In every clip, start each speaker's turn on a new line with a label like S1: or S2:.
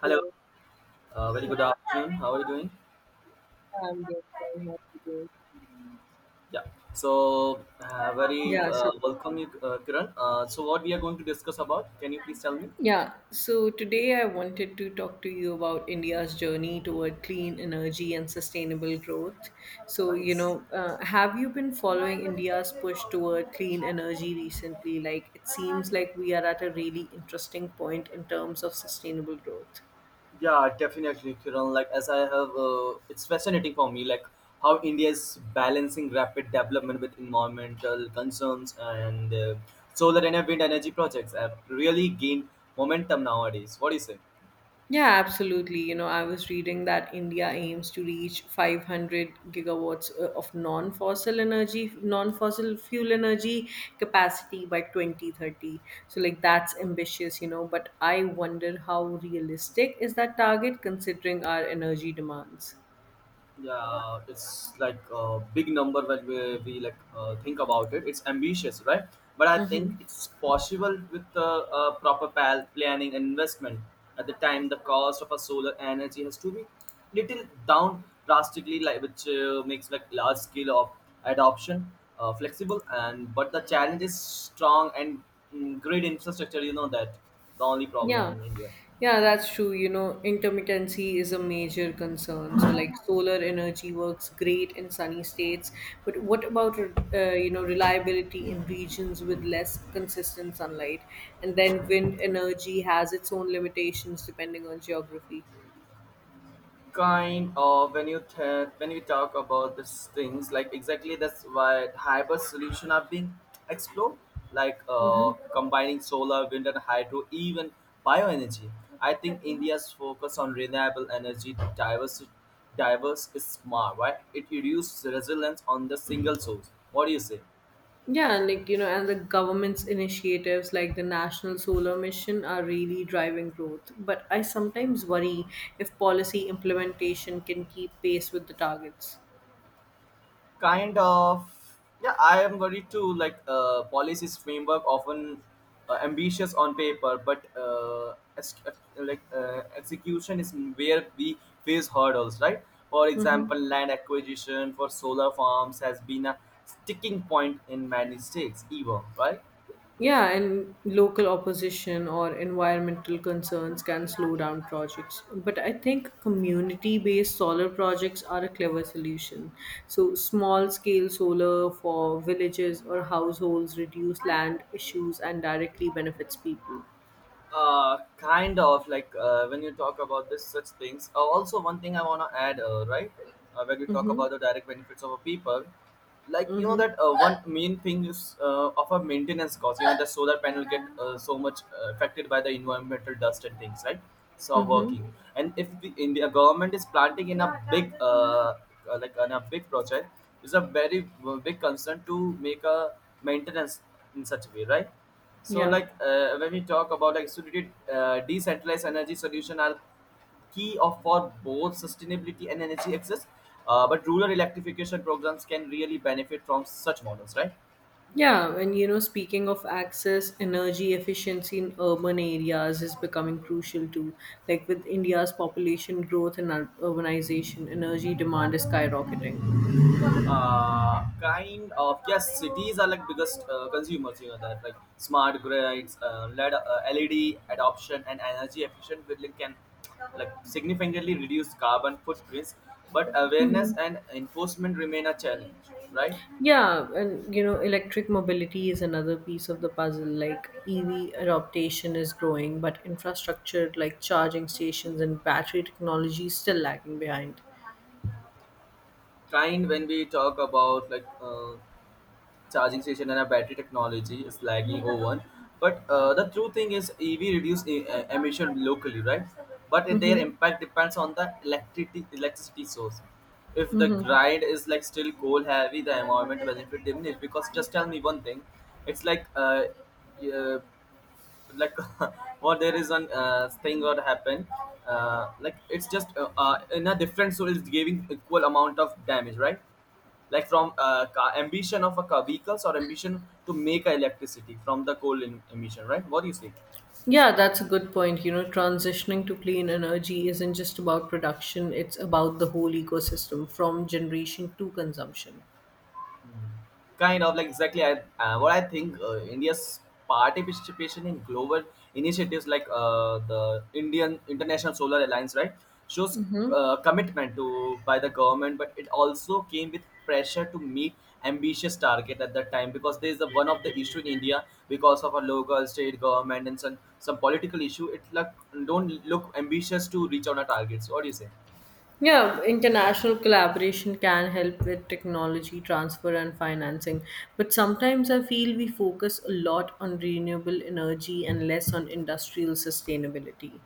S1: Hello,
S2: Hello.
S1: very
S2: Yeah,
S1: good afternoon. How are you doing?
S2: I'm good. Very happy to
S1: Yeah, so very
S2: Yeah, so
S1: welcome you, Kiran. So what we are going to discuss about? Can you please tell me?
S2: today I wanted to talk to you about India's journey toward clean energy and sustainable growth.
S1: Nice.
S2: Have you been following India's push toward clean energy recently? Like, it seems like we are at a really interesting point in terms of sustainable growth.
S1: Yeah, definitely, Kiran. Like as I have, it's fascinating for me, like how India is balancing rapid development with environmental concerns and solar and wind energy projects have really gained momentum nowadays. What do you say?
S2: Yeah, absolutely. You know, I was reading that India aims to reach 500 gigawatts of non-fossil fuel energy capacity by 2030. So like that's ambitious, you know, but I wonder how realistic is that target considering our energy demands.
S1: Yeah, it's like a big number when we like think about it. It's ambitious, right? But I think
S2: Hmm.
S1: it's possible with the planning and investment. At the time, the cost of a solar energy has to be little down drastically, like which makes like large scale of adoption flexible. And but the challenge is strong and grid infrastructure, you know that the only problem
S2: Yeah,
S1: in India.
S2: yeah, that's true. You know, intermittency is a major concern. So, like, solar energy works great in sunny states, but what about, you know, reliability in regions with less consistent sunlight? And then wind energy has its own limitations depending on geography.
S1: When we talk about these things, like exactly that's why hybrid solution are being explored, like
S2: Mm-hmm.
S1: combining solar, wind and hydro, even bioenergy. I think India's focus on renewable energy diverse diverse is smart, right? It reduces resilience on the single source. What do you say?
S2: And the government's initiatives like the National Solar Mission are really driving growth. But I sometimes worry if policy implementation can keep pace with the targets.
S1: Kind of, yeah, I am worried too. Like policies framework often ambitious on paper but like execution is where we face hurdles, right? For example,
S2: Hmm.
S1: land acquisition for solar farms has been a sticking point in many states even, right?
S2: Yeah, and local opposition or environmental concerns can slow down projects. But I think community based solar projects are a clever solution. So, small scale solar for villages or households reduce land issues and directly benefits people.
S1: Kind of, like when you talk about this such things, also one thing I want to add, right. When you talk
S2: Mm-hmm.
S1: about the direct benefits of a people, like you know
S2: Mm-hmm.
S1: that one main thing is of a maintenance cost. You know, the solar panel get so much affected by the environmental dust and things, right? So
S2: Mm-hmm.
S1: working, and if the India government is planting in a big like on a big project is a very big concern to make a maintenance in such a way, right? So,
S2: Yeah.
S1: like when we talk about like distributed decentralized energy solution are key of for both sustainability and energy access. But rural electrification programs can really benefit from such models, right?
S2: Yeah, and you know, speaking of access, energy efficiency in urban areas is becoming crucial too. Like with India's population growth and urbanization, energy demand is skyrocketing.
S1: Kind of, yes, cities are like biggest consumers, you know that, like smart grids, led adoption and energy efficient building can like significantly reduce carbon footprints, but awareness
S2: Hmm.
S1: and enforcement remain a challenge, right?
S2: Yeah, and you know, electric mobility is another piece of the puzzle. Like EV adoption is growing, but infrastructure like charging stations and battery technology is still lagging behind.
S1: Kind, when we talk about like charging station and a battery technology is lagging over. But the true thing is EV reduce emission locally, right? But their
S2: Mm-hmm.
S1: impact depends on the electricity source. If the grid is like still coal heavy, the environment benefit diminishes. Because just tell me one thing, it's uh, like what there is one thing what happened, like it's just in a different soul is giving equal amount of damage, right? Like from ambition of a vehicles or ambition to make a electricity from the coal emission, right? What do you say?
S2: Yeah, that's a good point. You know, transitioning to clean energy isn't just about production, it's about the whole ecosystem from generation to consumption.
S1: Kind of, like exactly. What I think, India's participation in global initiatives like the Indian International Solar Alliance, right, shows commitment to by the government, but it also came with pressure to meet ambitious target at that time, because there is a, one of the issue in India because of a local state government and some political issue. It like don't look ambitious to reach on a target. So what do you say?
S2: Yeah, international collaboration can help with technology transfer and financing, but sometimes I feel we focus a lot on renewable energy and less on industrial sustainability.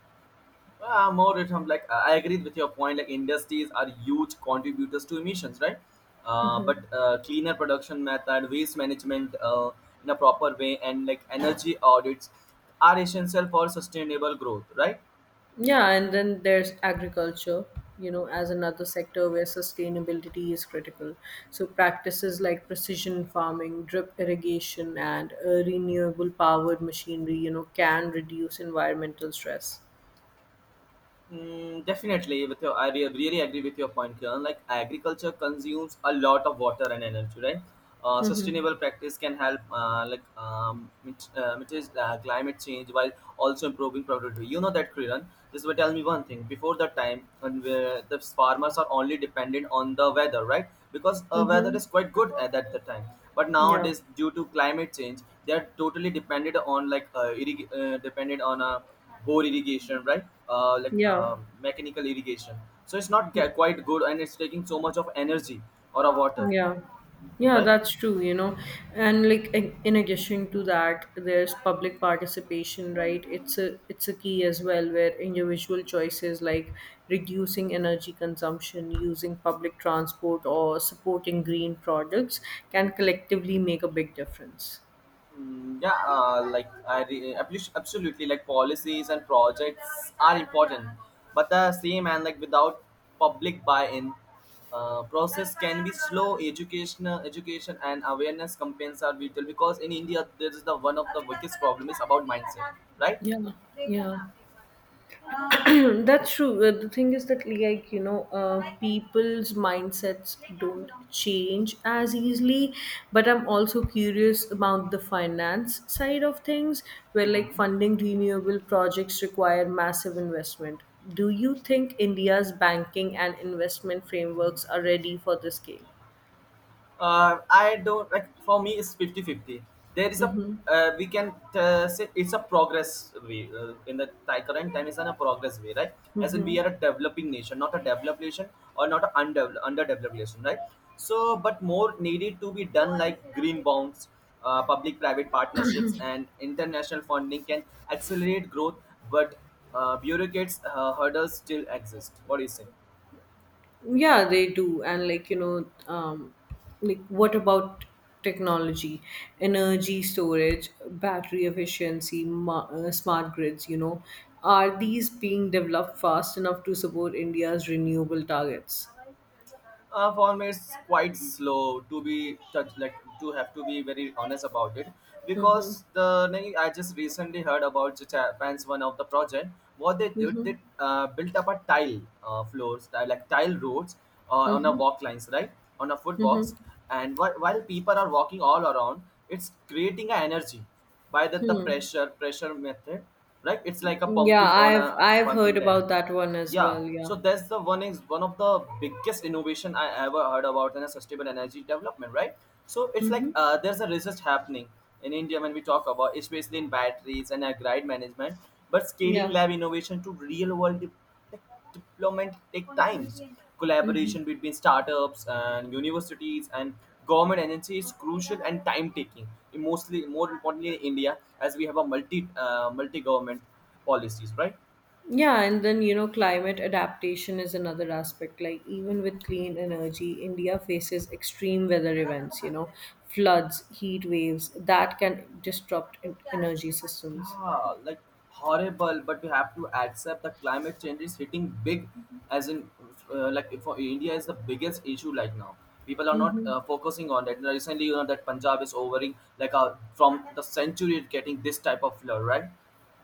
S1: More it, like I agreed with your point. Like industries are huge contributors to emissions, right? But cleaner production method, waste management in a proper way, and like energy audits are essential for sustainable growth, right?
S2: Yeah, and then there's agriculture, you know, as another sector where sustainability is critical. So, practices like precision farming, drip irrigation, and renewable powered machinery, you know, can reduce environmental stress.
S1: Definitely, with your, really agree with your point, Kiran. Like agriculture consumes a lot of water and energy, right? Sustainable practice can help, like mitigate climate change while also improving productivity. You know that, Kiran. This will tell me one thing. Before the time, when the farmers are only dependent on the weather, right? Because weather
S2: Mm-hmm.
S1: is quite good at that the time. But
S2: Yeah.
S1: nowadays, due to climate change, they are totally dependent on like dependent on a bore irrigation, right?
S2: Yeah.
S1: Mechanical irrigation. So it's not quite good, and it's taking so much of energy or of water,
S2: Yeah. Yeah,
S1: right?
S2: that's true, you know. And like in addition to that, there's public participation, right? It's a key as well where individual choices like reducing energy consumption, using public transport or supporting green products can collectively make a big difference.
S1: Yeah, like absolutely, like policies and projects are important, but the same, and like without public buy-in, process can be slow. Education and awareness campaigns are vital because in India there is the one of the biggest problem is about mindset, right?
S2: Yeah. Yeah. That's true. The thing is that, like, you know, people's mindsets don't change as easily. But I'm also curious about the finance side of things, where, like, funding renewable projects require massive investment. Do you think India's banking and investment frameworks are ready for this game?
S1: Uh, I don't like, for me it's 50-50. There is a
S2: Mm-hmm.
S1: we can say it's a progress way current time. It's on a progress way, right? As in we are
S2: Mm-hmm.
S1: a developing nation, not a developed nation, or not an undeveloped underdeveloped nation, right? So but more needed to be done, like green bonds, public private partnerships and international funding can accelerate growth, but bureaucrats hurdles still exist. What do you say?
S2: Yeah, they do. And like, you know, like what about technology, energy storage, battery efficiency, smart grids, you know, are these being developed fast enough to support India's renewable targets?
S1: Uh, for me it's quite slow to be touch, like to have to be very honest about it, because
S2: Mm-hmm.
S1: the thing I just recently heard about the Japan's one of the project. What they did, they
S2: Mm-hmm.
S1: built up a tile floors, like tile roads, on a
S2: Mm-hmm.
S1: walk lines, right? On a
S2: Mm-hmm.
S1: footwalks, and while people are walking all around, it's creating an energy by the, the
S2: Hmm.
S1: pressure pressure method, right? It's like a
S2: Yeah,
S1: pumping on a
S2: I've I've
S1: pumping
S2: heard
S1: there.
S2: about that one as
S1: Yeah,
S2: well.
S1: so
S2: Yeah.
S1: that's the one is one of the biggest innovation I ever heard about in a sustainable energy development, right? So it's like
S2: Mm-hmm.
S1: there's a research happening in India when we talk about, especially in batteries and grid management, but scaling
S2: Yeah.
S1: lab innovation to real world de- deployment take times.
S2: Mm-hmm.
S1: Collaboration between startups and universities and government agencies is crucial and time taking. Mostly, more importantly, in India as we have a multi government policies, right?
S2: Yeah, and then you know, climate adaptation is another aspect. Like, even with clean energy, India faces extreme weather events, you know, floods, heat waves that can disrupt energy systems.
S1: Yeah, like horrible, but we have to accept that climate change is hitting big, as in like for India is the biggest issue. Like now people are not
S2: Mm-hmm.
S1: focusing on that recently. You know that Punjab is overing like from the century, it's getting this type of flood, right?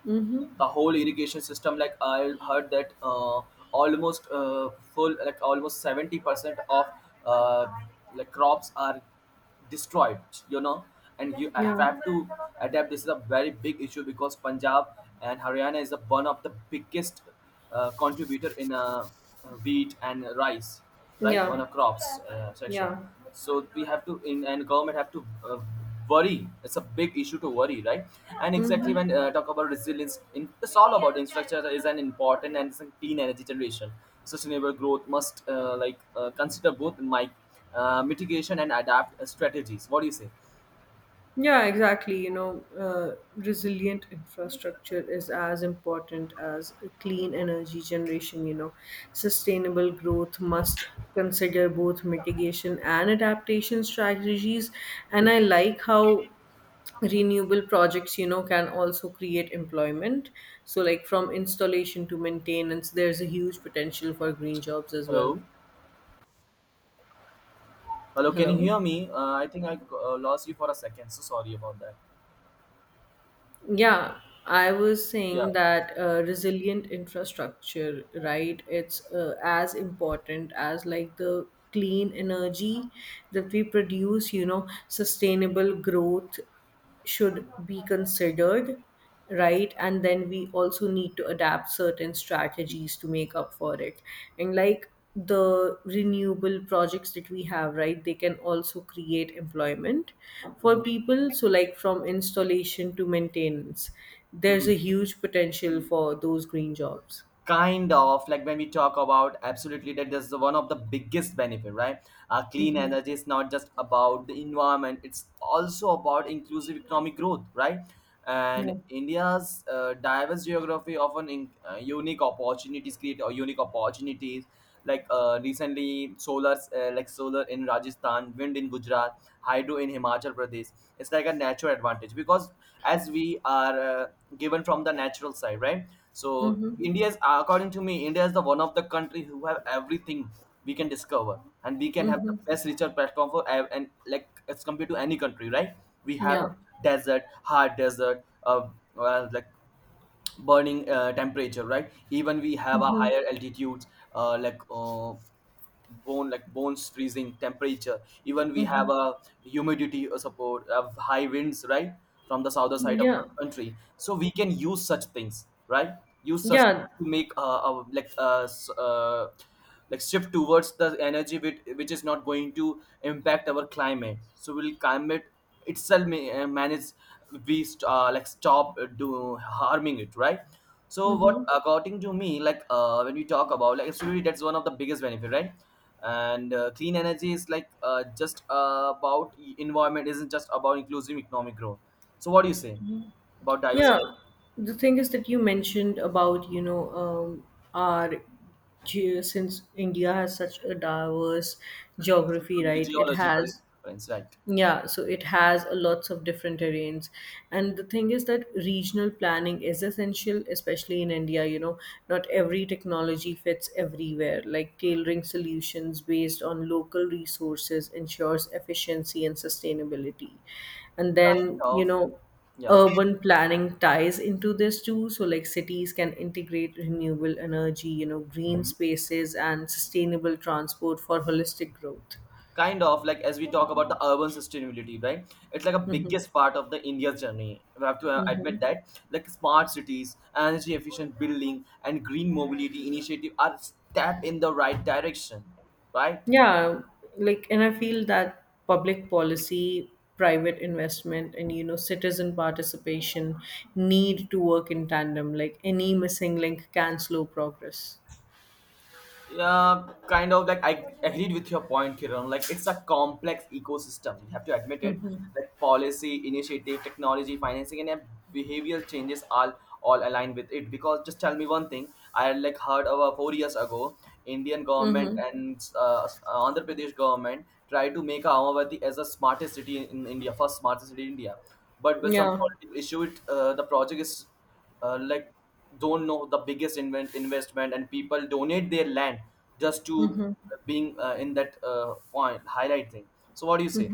S2: Mm-hmm.
S1: The whole irrigation system, like I heard that almost full like almost 70% of uh, like crops are destroyed, you know, and you
S2: Yeah.
S1: have to adapt. This is a very big issue, because Punjab and Haryana is the one of the biggest contributor in a wheat and rice, right, on
S2: Yeah.
S1: a crops section.
S2: Yeah.
S1: So we have to, in and government have to worry. It's a big issue to worry, right? And exactly
S2: Mm-hmm.
S1: when talk about resilience, in, it's all about infrastructure is an important, and it's a clean energy generation. Sustainable growth must consider both my mitigation and adapt strategies. What do you say?
S2: Yeah, exactly. You know, resilient infrastructure is as important as clean energy generation. You know, sustainable growth must consider both mitigation and adaptation strategies. And I like how renewable projects, you know, can also create employment. So, like from installation to maintenance, there's a huge potential for green jobs as well.
S1: Hello, hello. Can you
S2: Hello.
S1: hear me? I think I lost you for a second. So sorry about that.
S2: Yeah, I was
S1: Yeah.
S2: saying that resilient infrastructure, right? It's as important as like the clean energy that we produce, you know, sustainable growth should be considered, right? And then we also need to adapt certain strategies to make up for it. And like the renewable projects that we have, right, they can also create employment for people. So like from installation to maintenance, there's a huge potential for those green jobs.
S1: Kind of, like when we talk about, absolutely that is the one of the biggest benefit, right? Uh, clean
S2: Mm-hmm.
S1: energy is not just about the environment, it's also about inclusive economic growth, right? And
S2: Yeah.
S1: India's diverse geography often in, unique opportunities create or unique opportunities, like recently solar like solar in Rajasthan, wind in Gujarat, hydro in Himachal Pradesh. It's like a natural advantage because as we are given from the natural side, right? So
S2: Mm-hmm.
S1: India's, according to me, India is the one of the country who have everything. We can discover, and we can have the
S2: Mm-hmm.
S1: best research platform for and like as compared to any country, right? We have
S2: Yeah.
S1: desert, hard desert, uh, well, like burning temperature, right? Even we have a
S2: Mm-hmm.
S1: higher altitudes, uh, like uh, bone like bones freezing temperature. Even we have
S2: Mm-hmm.
S1: a humidity support of high winds, right, from the southern side of the
S2: Yeah.
S1: country. So we can use such things, right, use such
S2: Yeah.
S1: to make like shift towards the energy which is not going to impact our climate, so will climate itself manage. Like stop do harming it, right? So what
S2: Mm-hmm.
S1: according to me, like when we talk about, like absolutely that's one of the biggest benefit, right? And clean energy is like just about environment isn't just about inclusive economic growth. So what do you say About diversity.
S2: Yeah, the thing is that you mentioned about, you know, our since India has such a diverse geography, right? It
S1: Geological
S2: has,
S1: difference, right?
S2: yeah, so it has a lots of different terrains. And the thing is that regional planning is essential, especially in India. You know, not every technology fits everywhere. Like tailoring solutions based on local resources ensures efficiency and sustainability. And
S1: Kind
S2: then, you
S1: of.
S2: know,
S1: Yeah.
S2: urban planning ties into this too. So, like cities can integrate renewable energy, you know, green
S1: Mm-hmm.
S2: spaces and sustainable transport for holistic growth.
S1: Kind of like as we talk about the urban sustainability, right? It's like a biggest part of the India's journey. We have to admit that, like, smart cities, energy efficient building and green mobility initiative are step in the right direction, right?
S2: Yeah, like, and I feel that public policy, private investment, and you know, citizen participation need to work in tandem. Like, any missing link can slow progress.
S1: Yeah, kind of like I agreed with your point, Kiran. Like it's a complex ecosystem. You have to admit it. Like policy, initiative, technology, financing, and behavioral changes all align with it. Because just tell me one thing. I like heard about 4 years ago, Indian government
S2: Mm-hmm.
S1: and Andhra Pradesh government tried to make Ahmedabad as the smartest city in, India, first smartest city in India. But with some
S2: Yeah.
S1: political issue, it, the project is like, don't know the biggest invent investment, and people donate their land just to being in that point highlight thing. So what do you say?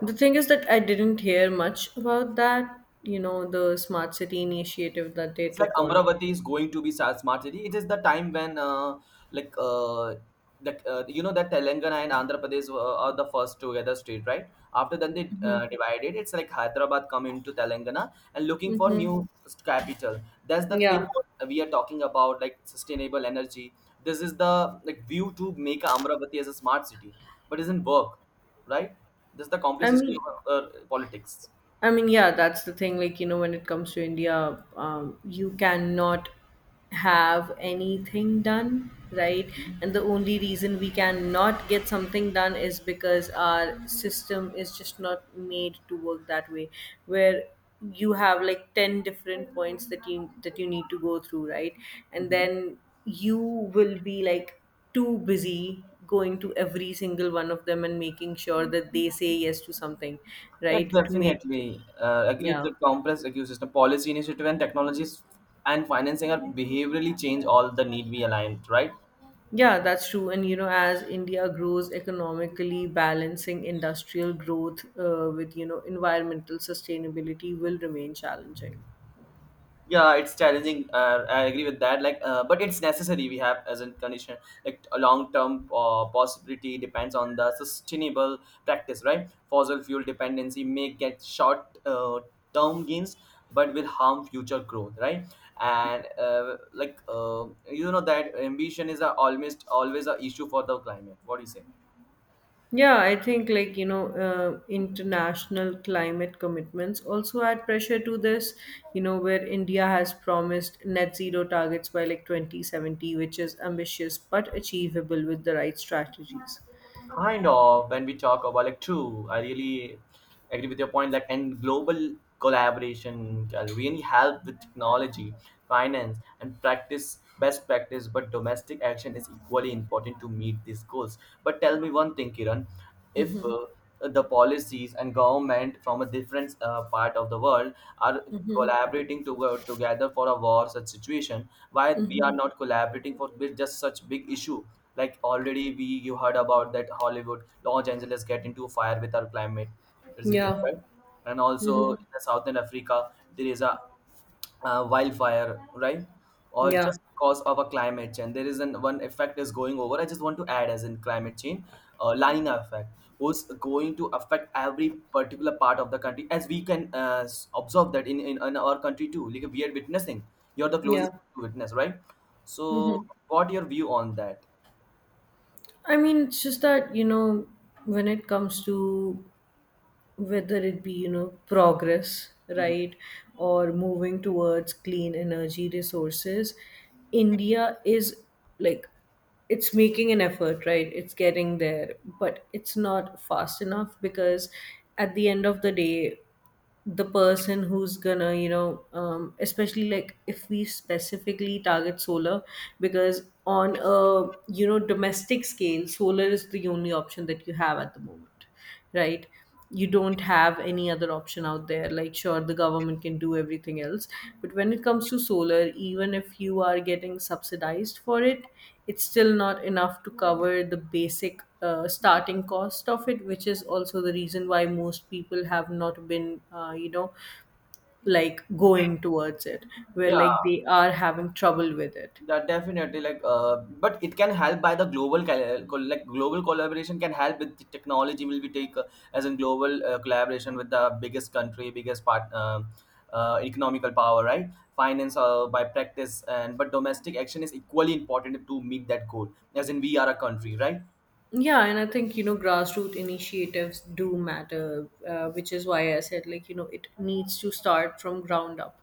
S2: The thing is that I didn't hear much about that, you know, the smart city initiative that they
S1: It's like
S2: took on.
S1: Amravati is going to be smart city. It is the time when, like, uh, you know that Telangana and Andhra Pradesh are the first together state, right? After then they divided. It's like Hyderabad come into Telangana and looking for
S2: Mm-hmm.
S1: new capital. That's the thing
S2: Yeah.
S1: what we are talking about, like sustainable energy. This is the like view to make Amravati as a smart city, but it doesn't work, right? This is the
S2: I
S1: complexity
S2: mean,
S1: of politics.
S2: I mean, yeah, that's the thing. Like, you know, when it comes to India, you cannot have anything done, right?
S1: Mhm.
S2: And the only reason we cannot get something done is because our system is just not made to work that way. Where you have like 10 different points that you need to go through, right? And
S1: Mhm.
S2: then you will be like too busy going to every single one of them and making sure that they say yes to something,
S1: Yeah,
S2: right, to make it—
S1: definitely. Agreed
S2: yeah.
S1: that complex ecosystem policy initiative and technologies and financing are behaviorally change all the need we aligned, right?
S2: Yeah, that's true. And you know, as India grows economically, balancing industrial growth with you know environmental sustainability will remain challenging.
S1: Yeah, it's challenging, I agree with that, like but it's necessary. We have as a condition like a long term possibility depends on the sustainable practice, right? Fossil fuel dependency may get short term gains, but will harm future growth, right? And you know that ambition is a almost always a issue for the climate. What do you say?
S2: Yeah, I think like you know, international climate commitments also add pressure to this. You know, where India has promised net zero targets by like 2070, which is ambitious but achievable with the right strategies.
S1: Kind of, when we talk about like, true, I really agree with your point, like, and global collaboration can really help with technology, finance and practice, best practice, but domestic action is equally important to meet these goals. But tell me one thing, Kiran, if the policies and government from a different part of the world are collaborating to go together for a war such situation, why we are not collaborating for with just such big issue? Like already we you heard about that Hollywood Los Angeles get into fire with our climate resilience,
S2: Yeah,
S1: right? And also in the Southern Africa, there is a wildfire, right? Or
S2: yeah,
S1: just because of a climate change. There is an one effect is going over. I just want to add as in climate change, La Nina effect, who's going to affect every particular part of the country, as we can observe that in our country too. Like we are witnessing. You're the closest
S2: yeah.
S1: to witness, right? So,
S2: Hmm.
S1: what your view on that?
S2: I mean, it's just that you know, when it comes to whether it be you know progress,
S1: Mhm.
S2: right, or moving towards clean energy resources, India is like it's making an effort, right, it's getting there, but it's not fast enough because at the end of the day the person who's gonna you know, especially like if we specifically target solar, because on a you know domestic scale solar is the only option that you have at the moment, right? You don't have any other option out there. Like sure the government can do everything else, but when it comes to solar, even if you are getting subsidized for it, it's still not enough to cover the basic starting cost of it, which is also the reason why most people have not been, you know, like going towards it, where
S1: Yeah.
S2: like they are having trouble with it.
S1: That definitely like but it can help by the like global collaboration can help with the technology will be take as in global collaboration with the biggest country, biggest part, economical power, right? Finance by practice, and but domestic action is equally important to meet that goal as in we are a country, right?
S2: Yeah, and I think, you know, grassroots initiatives do matter, which is why I said, like, you know, it needs to start from ground up,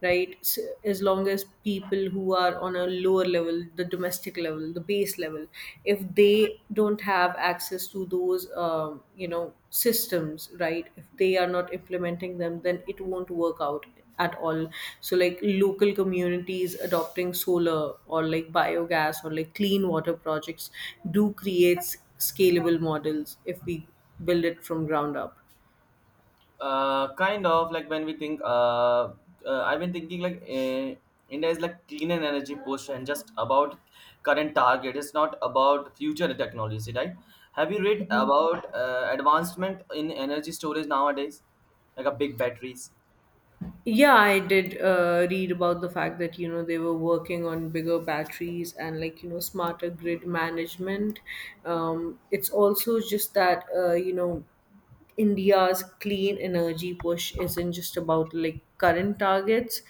S2: right? So, as long as people who are on a lower level, the domestic level, the base level, if they don't have access to those you know systems, right, if they are not implementing them, then it won't work out at all. So like local communities adopting solar or like biogas or like clean water projects do create scalable models if we build it from ground up.
S1: Kind of like when we think, I've been thinking like India is like clean and energy push and just about current target. It's not about future technology, right? Have you read about advancement in energy storage nowadays, like a big batteries?
S2: Yeah, I did read about the fact that you know they were working on bigger batteries and like you know smarter grid management. It's also just that you know India's clean energy push isn't just about like current targets,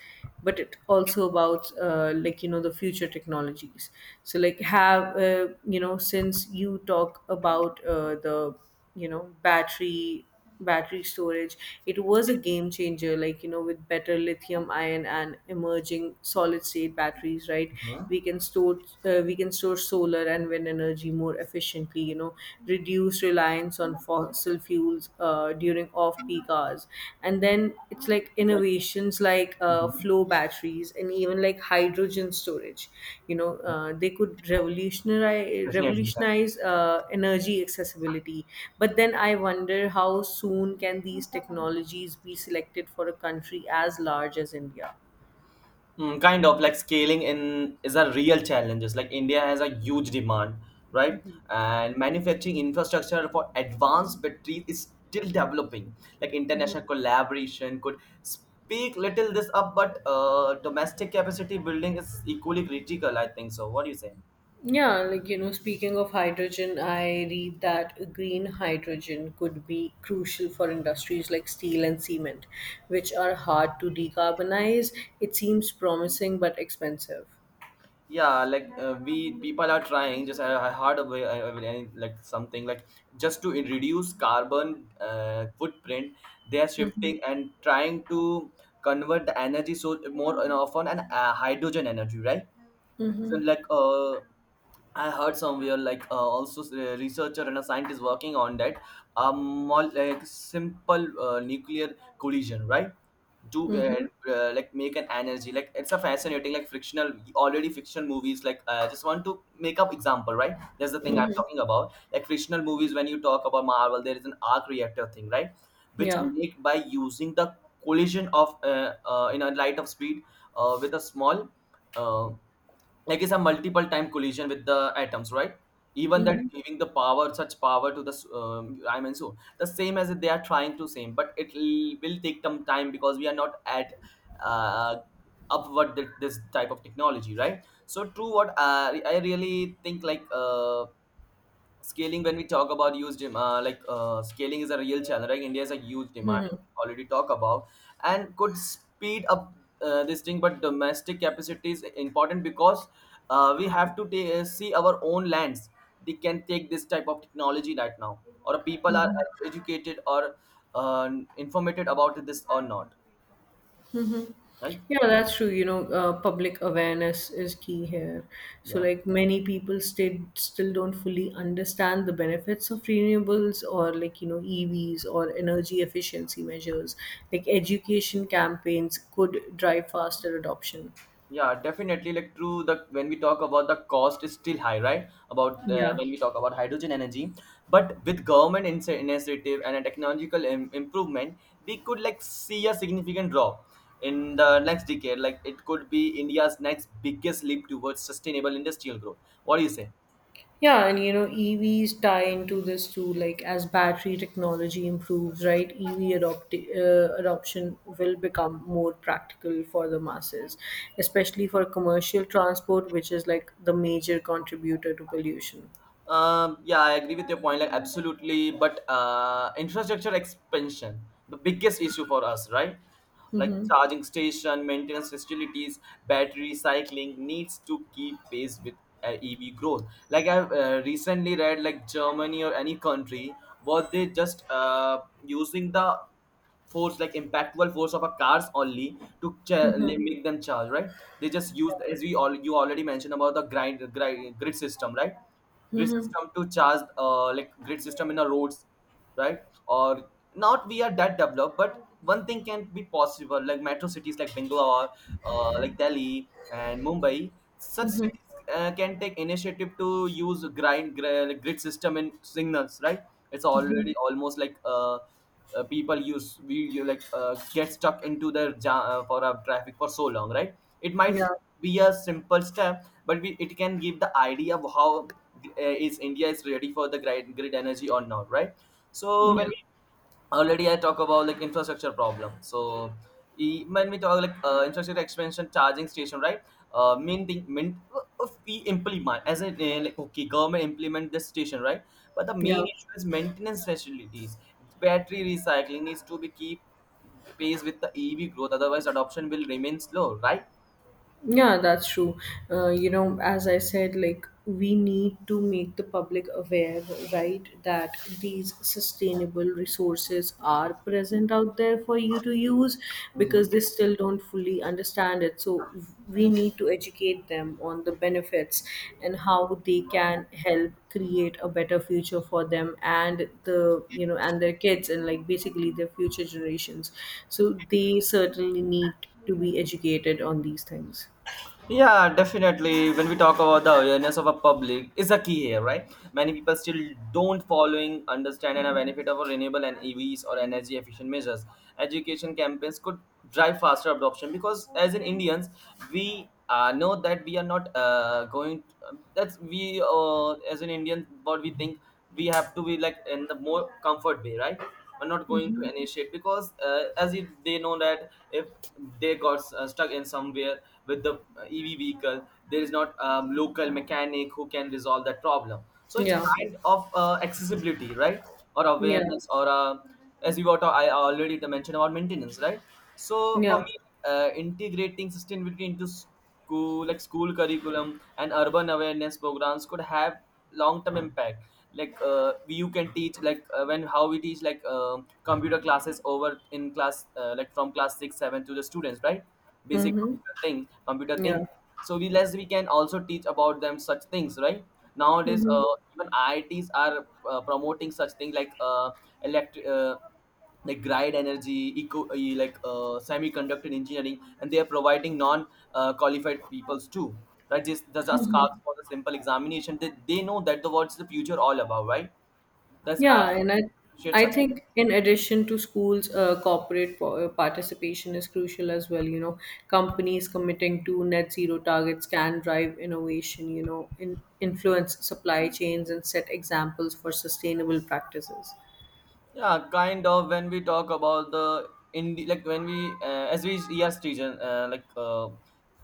S2: but it also about like you know the future technologies. So like have you know since you talk about the you know battery storage, it was a game changer like you know with better lithium ion and emerging solid state batteries, right?
S1: Huh?
S2: We can store we can store solar and wind energy more efficiently you know, reduce reliance on fossil fuels during off peak hours. And then it's like
S1: It's like.
S2: innovations like
S1: Mhm.
S2: flow batteries and even like hydrogen storage, you know, they could revolutionize
S1: Definitely. Yeah.
S2: revolutionize uh, energy accessibility. But then I wonder how soon can these technologies be selected for a country as large as India.
S1: Mm, kind of like scaling in is a real challenges. Like India has a huge demand, right? And manufacturing infrastructure for advanced batteries is still developing. Like international collaboration could speak little this up, but domestic capacity building is equally critical. I think so. What do you say?
S2: Yeah, like you know, speaking of hydrogen, I read that green hydrogen could be crucial for industries like steel and cement, which are hard to decarbonize. It seems promising but expensive.
S1: Yeah, like we people are trying just I heard of I mean, like something like just to reduce carbon footprint. They are
S2: Hmm.
S1: shifting and trying to convert the energy so more and often, and hydrogen energy, right? So like I heard somewhere like also a researcher and a scientist working on that. um like simple nuclear collision, right? Do like make an energy. Like it's a fascinating, like fictional, already fictional movies, like I just want to make up example, right? That's the thing I'm talking about. Like fictional movies, when you talk about Marvel, there is an arc reactor thing, right? Which
S2: Yeah.
S1: make by using the collision of in a light of speed with a small uh, like it's a multiple time collision with the atoms, right? Even that
S2: Hmm.
S1: giving the power such power to the I mean, so the same as they are trying to same, but will take some time because we are not at uh, this type of technology, right? So true, what I really think like scaling when we talk about like scaling is a real challenge, right? India is a huge demand, already talk about, and could speed up this thing, but domestic capacity is important because we have to see our own lands, they can take this type of technology right now, or people are educated or uh, informed about this or not, right?
S2: Yeah, that's true. You know, public awareness is key here. So,
S1: Yeah.
S2: like many people still don't fully understand the benefits of renewables or like you know EVs or energy efficiency measures. Like education campaigns could drive faster adoption.
S1: Yeah, definitely. Like true, the when we talk about the cost is still high, right? About
S2: Yeah.
S1: when we talk about hydrogen energy, but with government initiative and a technological improvement, we could like see a significant drop in the next decade. Like it could be India's next biggest leap towards sustainable industrial growth. What do you say?
S2: Yeah, and you know, EVs tie into this too. Like as battery technology improves, right? EV adoption will become more practical for the masses, especially for commercial transport, which is like the major contributor to pollution.
S1: Yeah, I agree with your point, like absolutely. But infrastructure expansion, the biggest issue for us, right? Like
S2: Mm-hmm.
S1: charging station, maintenance facilities, battery recycling needs to keep pace with EV growth. Like I've recently read, like Germany or any country, what they just using the force, like impactful force of a cars only to make them charge, right? They just use, as we all you already mentioned about the grind, grind grid system, right? Grid
S2: Mm-hmm.
S1: system to charge like grid system in our roads, right? Or not we are that developed, but one thing can be possible, like metro cities like Bangalore, like Delhi and Mumbai, such cities can take initiative to use grid system in signals, right? It's already almost like people use we you like get stuck into their jam for a traffic for so long, right? It might
S2: Yeah.
S1: be a simple step, but we, it can give the idea of how is India is ready for the grid energy or not, right? So when
S2: Yeah.
S1: we already I talk about like infrastructure problem, so when we talk like infrastructure expansion, charging station, right? Main thing, main, if we implement as a like okay, government implement this station, right? But the main
S2: Yeah.
S1: issue is maintenance facilities, battery recycling needs to be keep pace with the EV growth, otherwise adoption will remain slow, right?
S2: Yeah, that's true. You know, as I said, like we need to make the public aware, right, that these sustainable resources are present out there for you to use,
S1: Mm-hmm.
S2: because they still don't fully understand it. So we need to educate them on the benefits and how they can help create a better future for them and the you know and their kids and like basically their future generations, so they certainly need to be educated on these things.
S1: Yeah, definitely. When we talk about the awareness of a public, is a key here, right? Many people still don't following, understand, and a benefit of renewable and EVs or energy efficient measures. Education campaigns could drive faster adoption because, as in Indians, we know that we are not going. That's we as an Indian what we think, we have to be like in the more comfort way, right? We're not going to
S2: Mhm.
S1: initiate because as if they know that if they got stuck in somewhere with the EV vehicle, there is not a local mechanic who can resolve that problem. So it's
S2: Yeah.
S1: kind of accessibility, right? Or
S2: Yeah.
S1: awareness, or as you got I already mentioned about maintenance, right? So for
S2: Yeah.
S1: me, integrating sustainability into school, like school curriculum and urban awareness programs could have long-term impact. Like you can teach like when how we teach like computer classes over in class like from class 6 7 to the students, right? Basic
S2: Mhm.
S1: computer things, computer thing.
S2: Yeah.
S1: So we less we can also teach about them such things, right? Nowadays
S2: Mhm.
S1: even IITs are promoting such things, like electric like grid energy, eco, eh, like semiconductor engineering, and they are providing non-qualified peoples too, right? Just does just ask for the simple examination. They know that the what's the future all about, right? That's I
S2: Yeah, and I
S1: appreciate
S2: I
S1: such.
S2: think in addition to schools, corporate participation is crucial as well. You know, companies committing to net zero targets can drive innovation, you know, influence supply chains and set examples for sustainable practices.
S1: Yeah, kind of. When we talk about the Indi like, when we as we ERS region,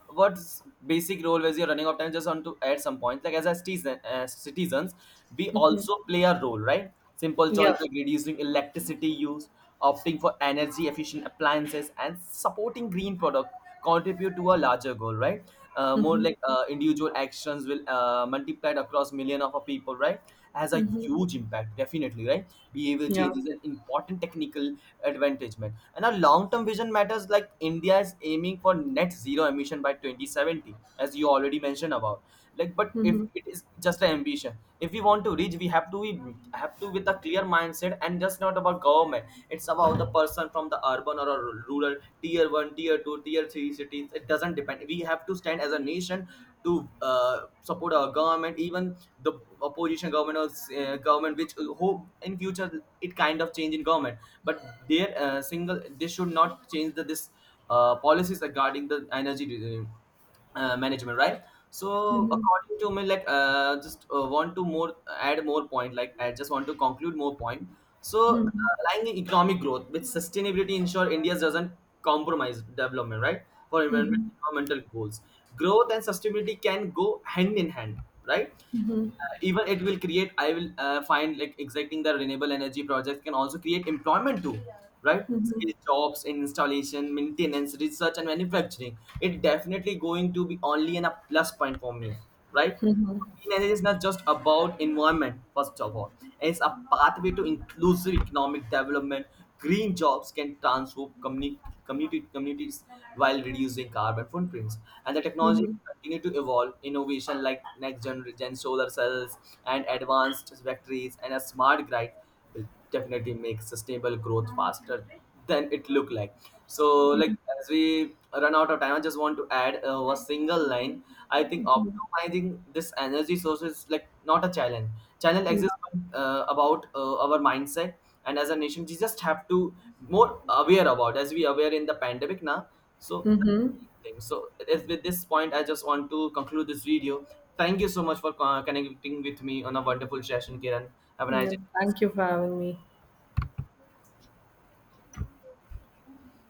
S1: what's basic role as you're running out of time? Just want to add some points. Like as a citizen, as citizens, we also play a role, right? Simple
S2: Yeah.
S1: choice like reducing electricity use, opting for energy efficient appliances, and supporting green product contribute to a larger goal, right? More like individual actions will multiplied across million of a people, right? Has a huge impact, definitely, right? Behavior
S2: Yeah.
S1: change is an important technical advantagement, and our long-term vision matters. Like India is aiming for net zero emission by 2070, as you already mentioned about. Like but if
S2: Mm-hmm.
S1: it is just an ambition, if we want to reach, we have to be have to with a clear mindset, and just not about government. It's about the person from the urban or a rural, tier 1, tier 2, tier 3 cities. It doesn't depend. We have to stand as a nation to support our government, even the opposition government, or government which hope in future, it kind of change in government, but their single they should not change the this policies regarding the energy uh, management, right? So according to me, like just want to more add more point, like I just want to conclude more point. So aligning economic growth with sustainability ensure India doesn't compromise development, right? For environmental goals, growth and sustainability can go hand in hand, right? Even it will create, I will find like exacting the renewable energy projects can also create employment too, right?
S2: Mm-hmm.
S1: Skill jobs in installation, maintenance, research and manufacturing, it definitely going to be only an a plus point for me, right? Clean energy is not just about environment. First of all, it's a pathway to inclusive economic development. Green jobs can transform community communities, while reducing carbon footprints, and the technology
S2: Mm-hmm.
S1: continue to evolve. Innovation like next generation solar cells and advanced factories and a smart grid will definitely make sustainable growth faster than it look like. So like as we run out of time, I just want to add a single line. I think optimizing this energy source is like not a challenge. Challenge exists about our mindset, and as a nation we just have to more aware about as we aware in the pandemic now. So
S2: Mm-hmm.
S1: that's the thing. So as with this point, I just want to conclude this video. Thank you so much for connecting with me on a wonderful session, Kiran. Have a nice
S2: Yeah. Thank
S1: day.
S2: you for having me.